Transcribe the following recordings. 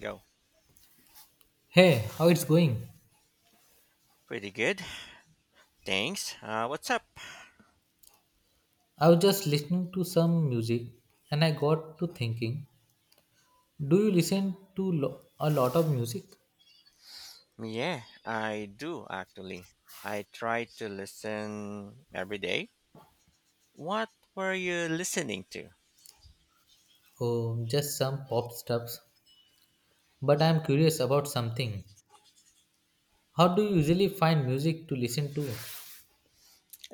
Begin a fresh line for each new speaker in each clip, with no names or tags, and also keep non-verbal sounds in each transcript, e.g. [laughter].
Go.
Hey, how it's going?
Pretty good. Thanks. What's up?
I was just listening to some music and I got to thinking, do you listen to a lot of music?
Yeah, I do actually. I try to listen every day. What were you listening to?
Oh, just some pop stuffs. But I'm curious about something. How do you usually find music to listen to?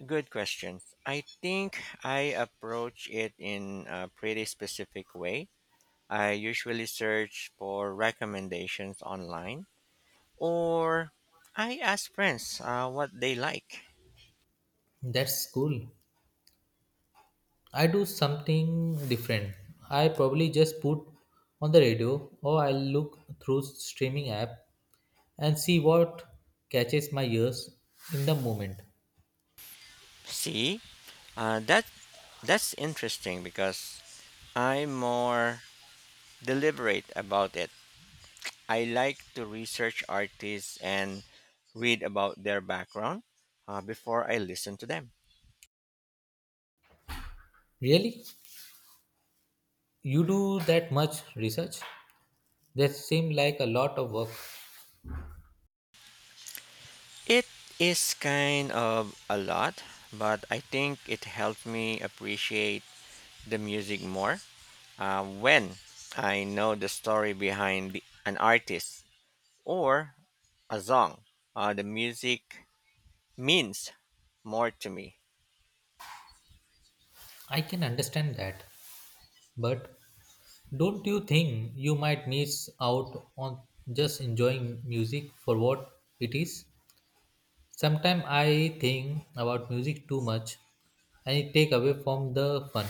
Good questions. I think I approach it in a pretty specific way. I usually search for recommendations online or I ask friends what they like.
That's cool. I do something different. I probably just put on the radio or I'll look through streaming app and see what catches my ears in the moment.
See, uh, that that's interesting because I'm more deliberate about it. I like to research artists and read about their background before I listen to them.
Really? You do that much research? That seems like a lot of work.
It is kind of a lot, but I think it helped me appreciate the music more when I know the story behind an artist or a song. The music means more to me.
I can understand that. But don't you think you might miss out on just enjoying music for what it is? Sometimes I think about music too much and it take away from the fun.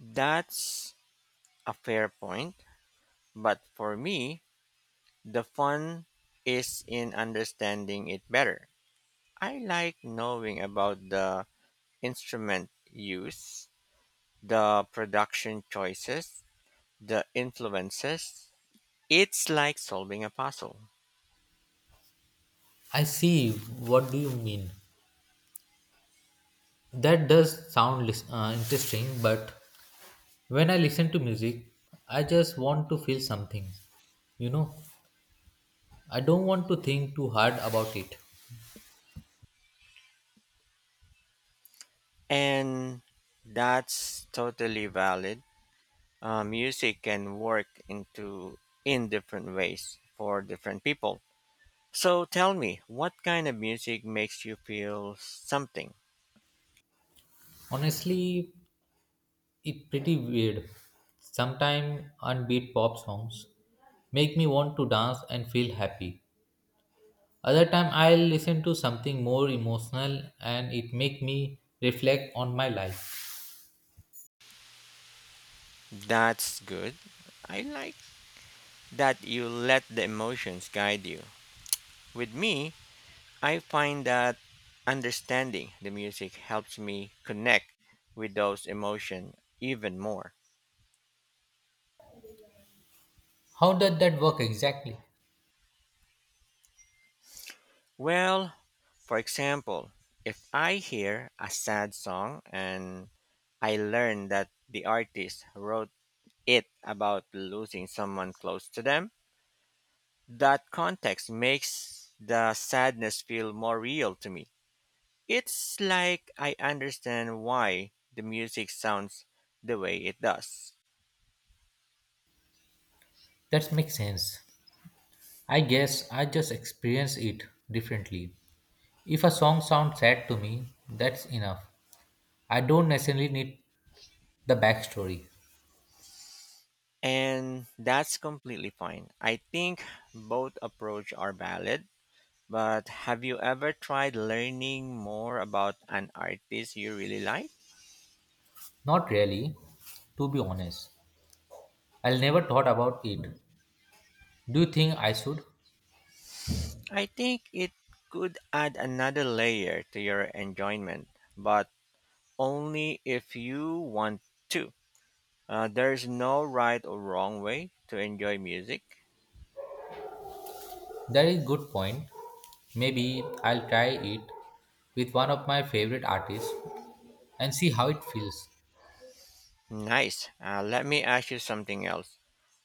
That's a fair point, but for me, the fun is in understanding it better. I like knowing about the instrument use, the production choices, the influences. It's like solving a puzzle.
I see what do you mean. That does sound interesting, but when I listen to music, I just want to feel something, you know, I don't want to think too hard about it.
And that's totally valid. Music can work into in different ways for different people. So tell me, what kind of music makes you feel something?
Honestly, it's pretty weird. Sometimes unbeat pop songs make me want to dance and feel happy. Other time I'll listen to something more emotional and it make me reflect on my life.
That's good. I like that you let the emotions guide you. With me, I find that understanding the music helps me connect with those emotions even more.
How does that work exactly?
Well, for example, if I hear a sad song and I learn that the artist wrote it about losing someone close to them, that context makes the sadness feel more real to me. It's like I understand why the music sounds the way it does.
That makes sense. I guess I just experience it differently. If a song sounds sad to me, that's enough. I don't necessarily need the backstory.
And that's completely fine. I think both approach are valid. But have you ever tried learning more about an artist you really like?
Not really, to be honest. I'll never thought about it. Do you think I should?
I think it could add another layer to your enjoyment, but only if you want to. There's no right or wrong way to enjoy music.
That is good point. Maybe I'll try it with one of my favorite artists and see how it feels.
Nice. Let me ask you something else.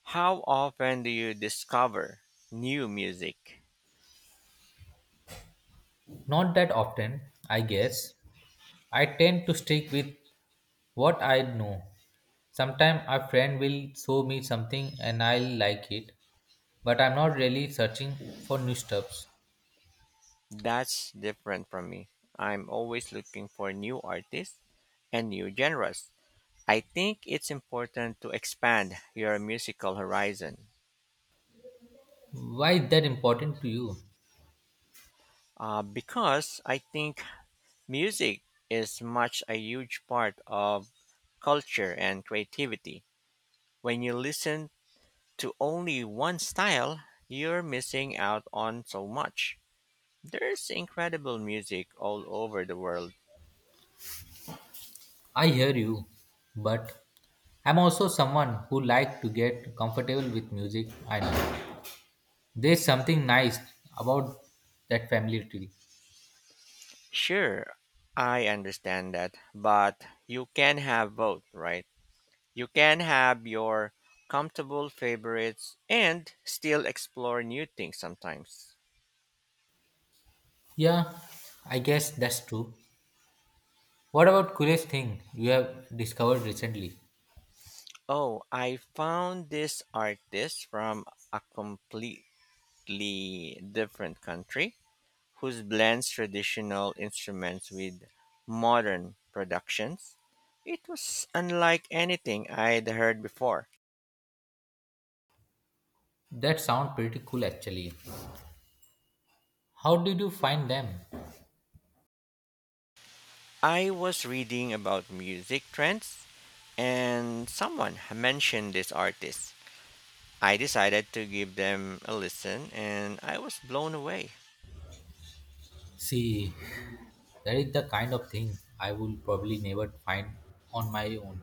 How often do you discover new music?
Not that often, I guess. I tend to stick with what I know. Sometimes a friend will show me something and I'll like it, but I'm not really searching for new stuffs.
That's different from me. I'm always looking for new artists and new genres. I think it's important to expand your musical horizon
Why is that important to you?
uh, Because I think music is much a huge part of culture and creativity. When you listen to only one style, you're missing out on so much. There's incredible music all over the world.
I hear you, but I'm also someone who like to get comfortable with music. I know there's something nice about that family tree.
Sure, I understand that, but you can have both, right? You can have your comfortable favorites and still explore new things sometimes.
Yeah, I guess that's true. What about coolest thing you have discovered recently?
Oh, I found this artist from a completely different country who blends traditional instruments with modern productions. It was unlike anything I'd heard before.
That sound pretty cool actually. How did you find them?
I was reading about music trends and someone mentioned this artist. I decided to give them a listen and I was blown away.
See, that is the kind of thing I will probably never find on my own.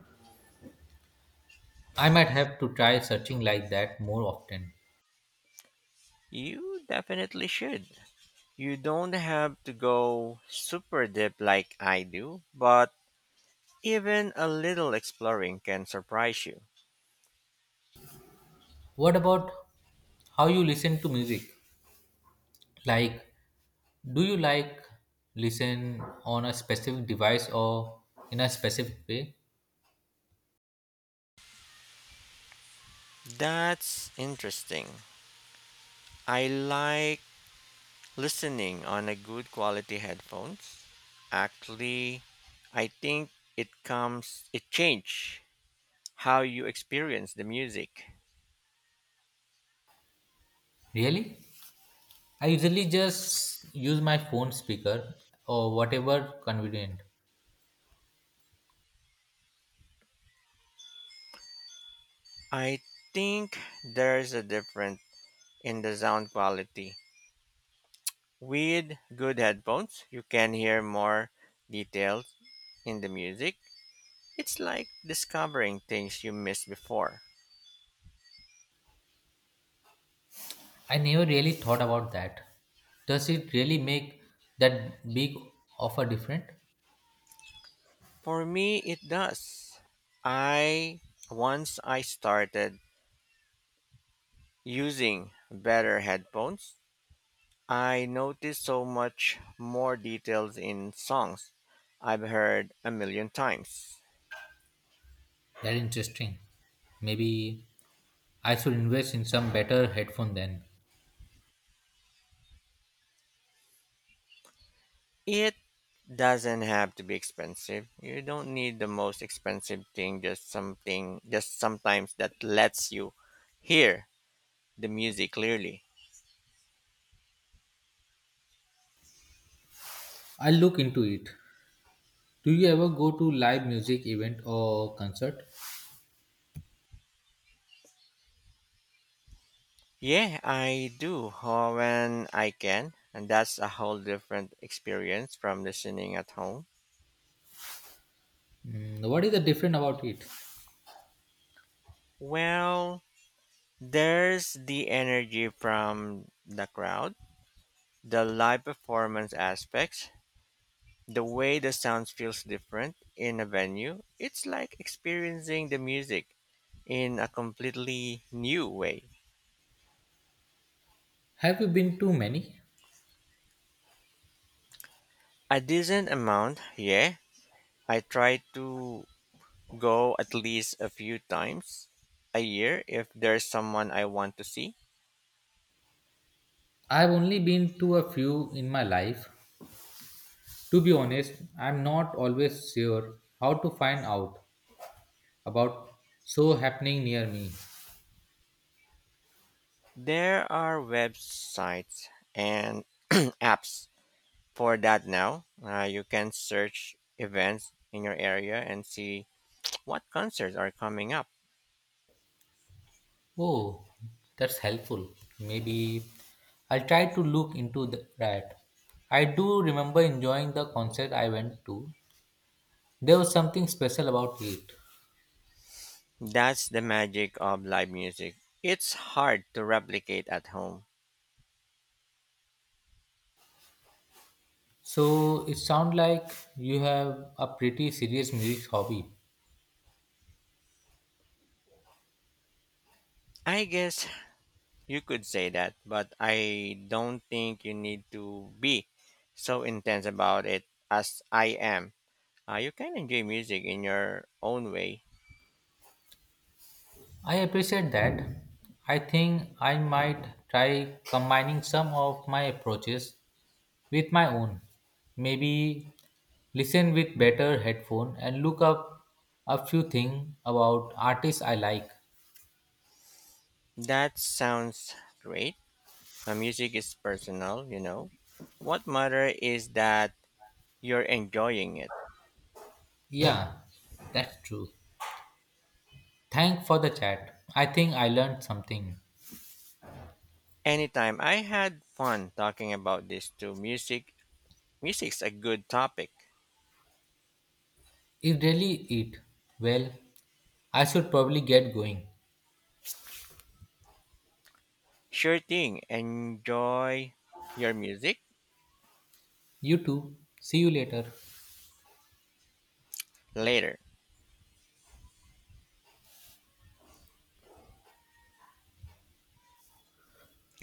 I might have to try searching like that more often.
You definitely should. You don't have to go super deep like I do, but even a little exploring can surprise you.
What about how you listen to music? Like, do you like listen on a specific device or in a specific way?
That's interesting. I like listening on a good quality headphones actually. I think it comes it changed how you experience the music.
Really? I usually just use my phone speaker or whatever convenient.
I think there's a difference in the sound quality. With good headphones, you can hear more details in the music. It's like discovering things you missed before.
I never really thought about that. Does it really make that big of a difference?
For me, it does. I once I started using better headphones, I noticed so much more details in songs I've heard a million times.
That interesting. Maybe I should invest in some better headphone then.
It doesn't have to be expensive. You don't need the most expensive thing, just something, just sometimes that lets you hear the music clearly.
I'll look into it. Do you ever go to live music event or concert?
Yeah, I do when I can, and that's a whole different experience from listening at home.
Mm, what is the difference about it?
Well, there's the energy from the crowd, the live performance aspects, the way the sound feels different in a venue, it's like experiencing the music in a completely new way.
Have you been to many?
A decent amount, yeah. I try to go at least a few times a year if there's someone I want to see.
I've only been to a few in my life. To be honest, I'm not always sure how to find out about so happening near me.
There are websites and [clears throat] apps for that now. You can search events in your area and see what concerts are coming up.
Oh, that's helpful. Maybe I'll try to look into that. I do remember enjoying the concert I went to. There was something special about it.
That's the magic of live music. It's hard to replicate at home.
So it sounds like you have a pretty serious music hobby.
I guess you could say that, but I don't think you need to be so intense about it as I am. You can enjoy music in your own way.
I appreciate that. I think I might try combining some of my approaches with my own. Maybe listen with better headphone and look up a few things about artists I like.
That sounds great. Music is personal, you know. What matter is that you're enjoying it.
Yeah, that's true. Thanks for the chat. I think I learned something.
Anytime. I had fun talking about this too. Music's a good topic.
Is really it. Well, I should probably get going.
Sure thing. Enjoy your music
You too. See you later.
later.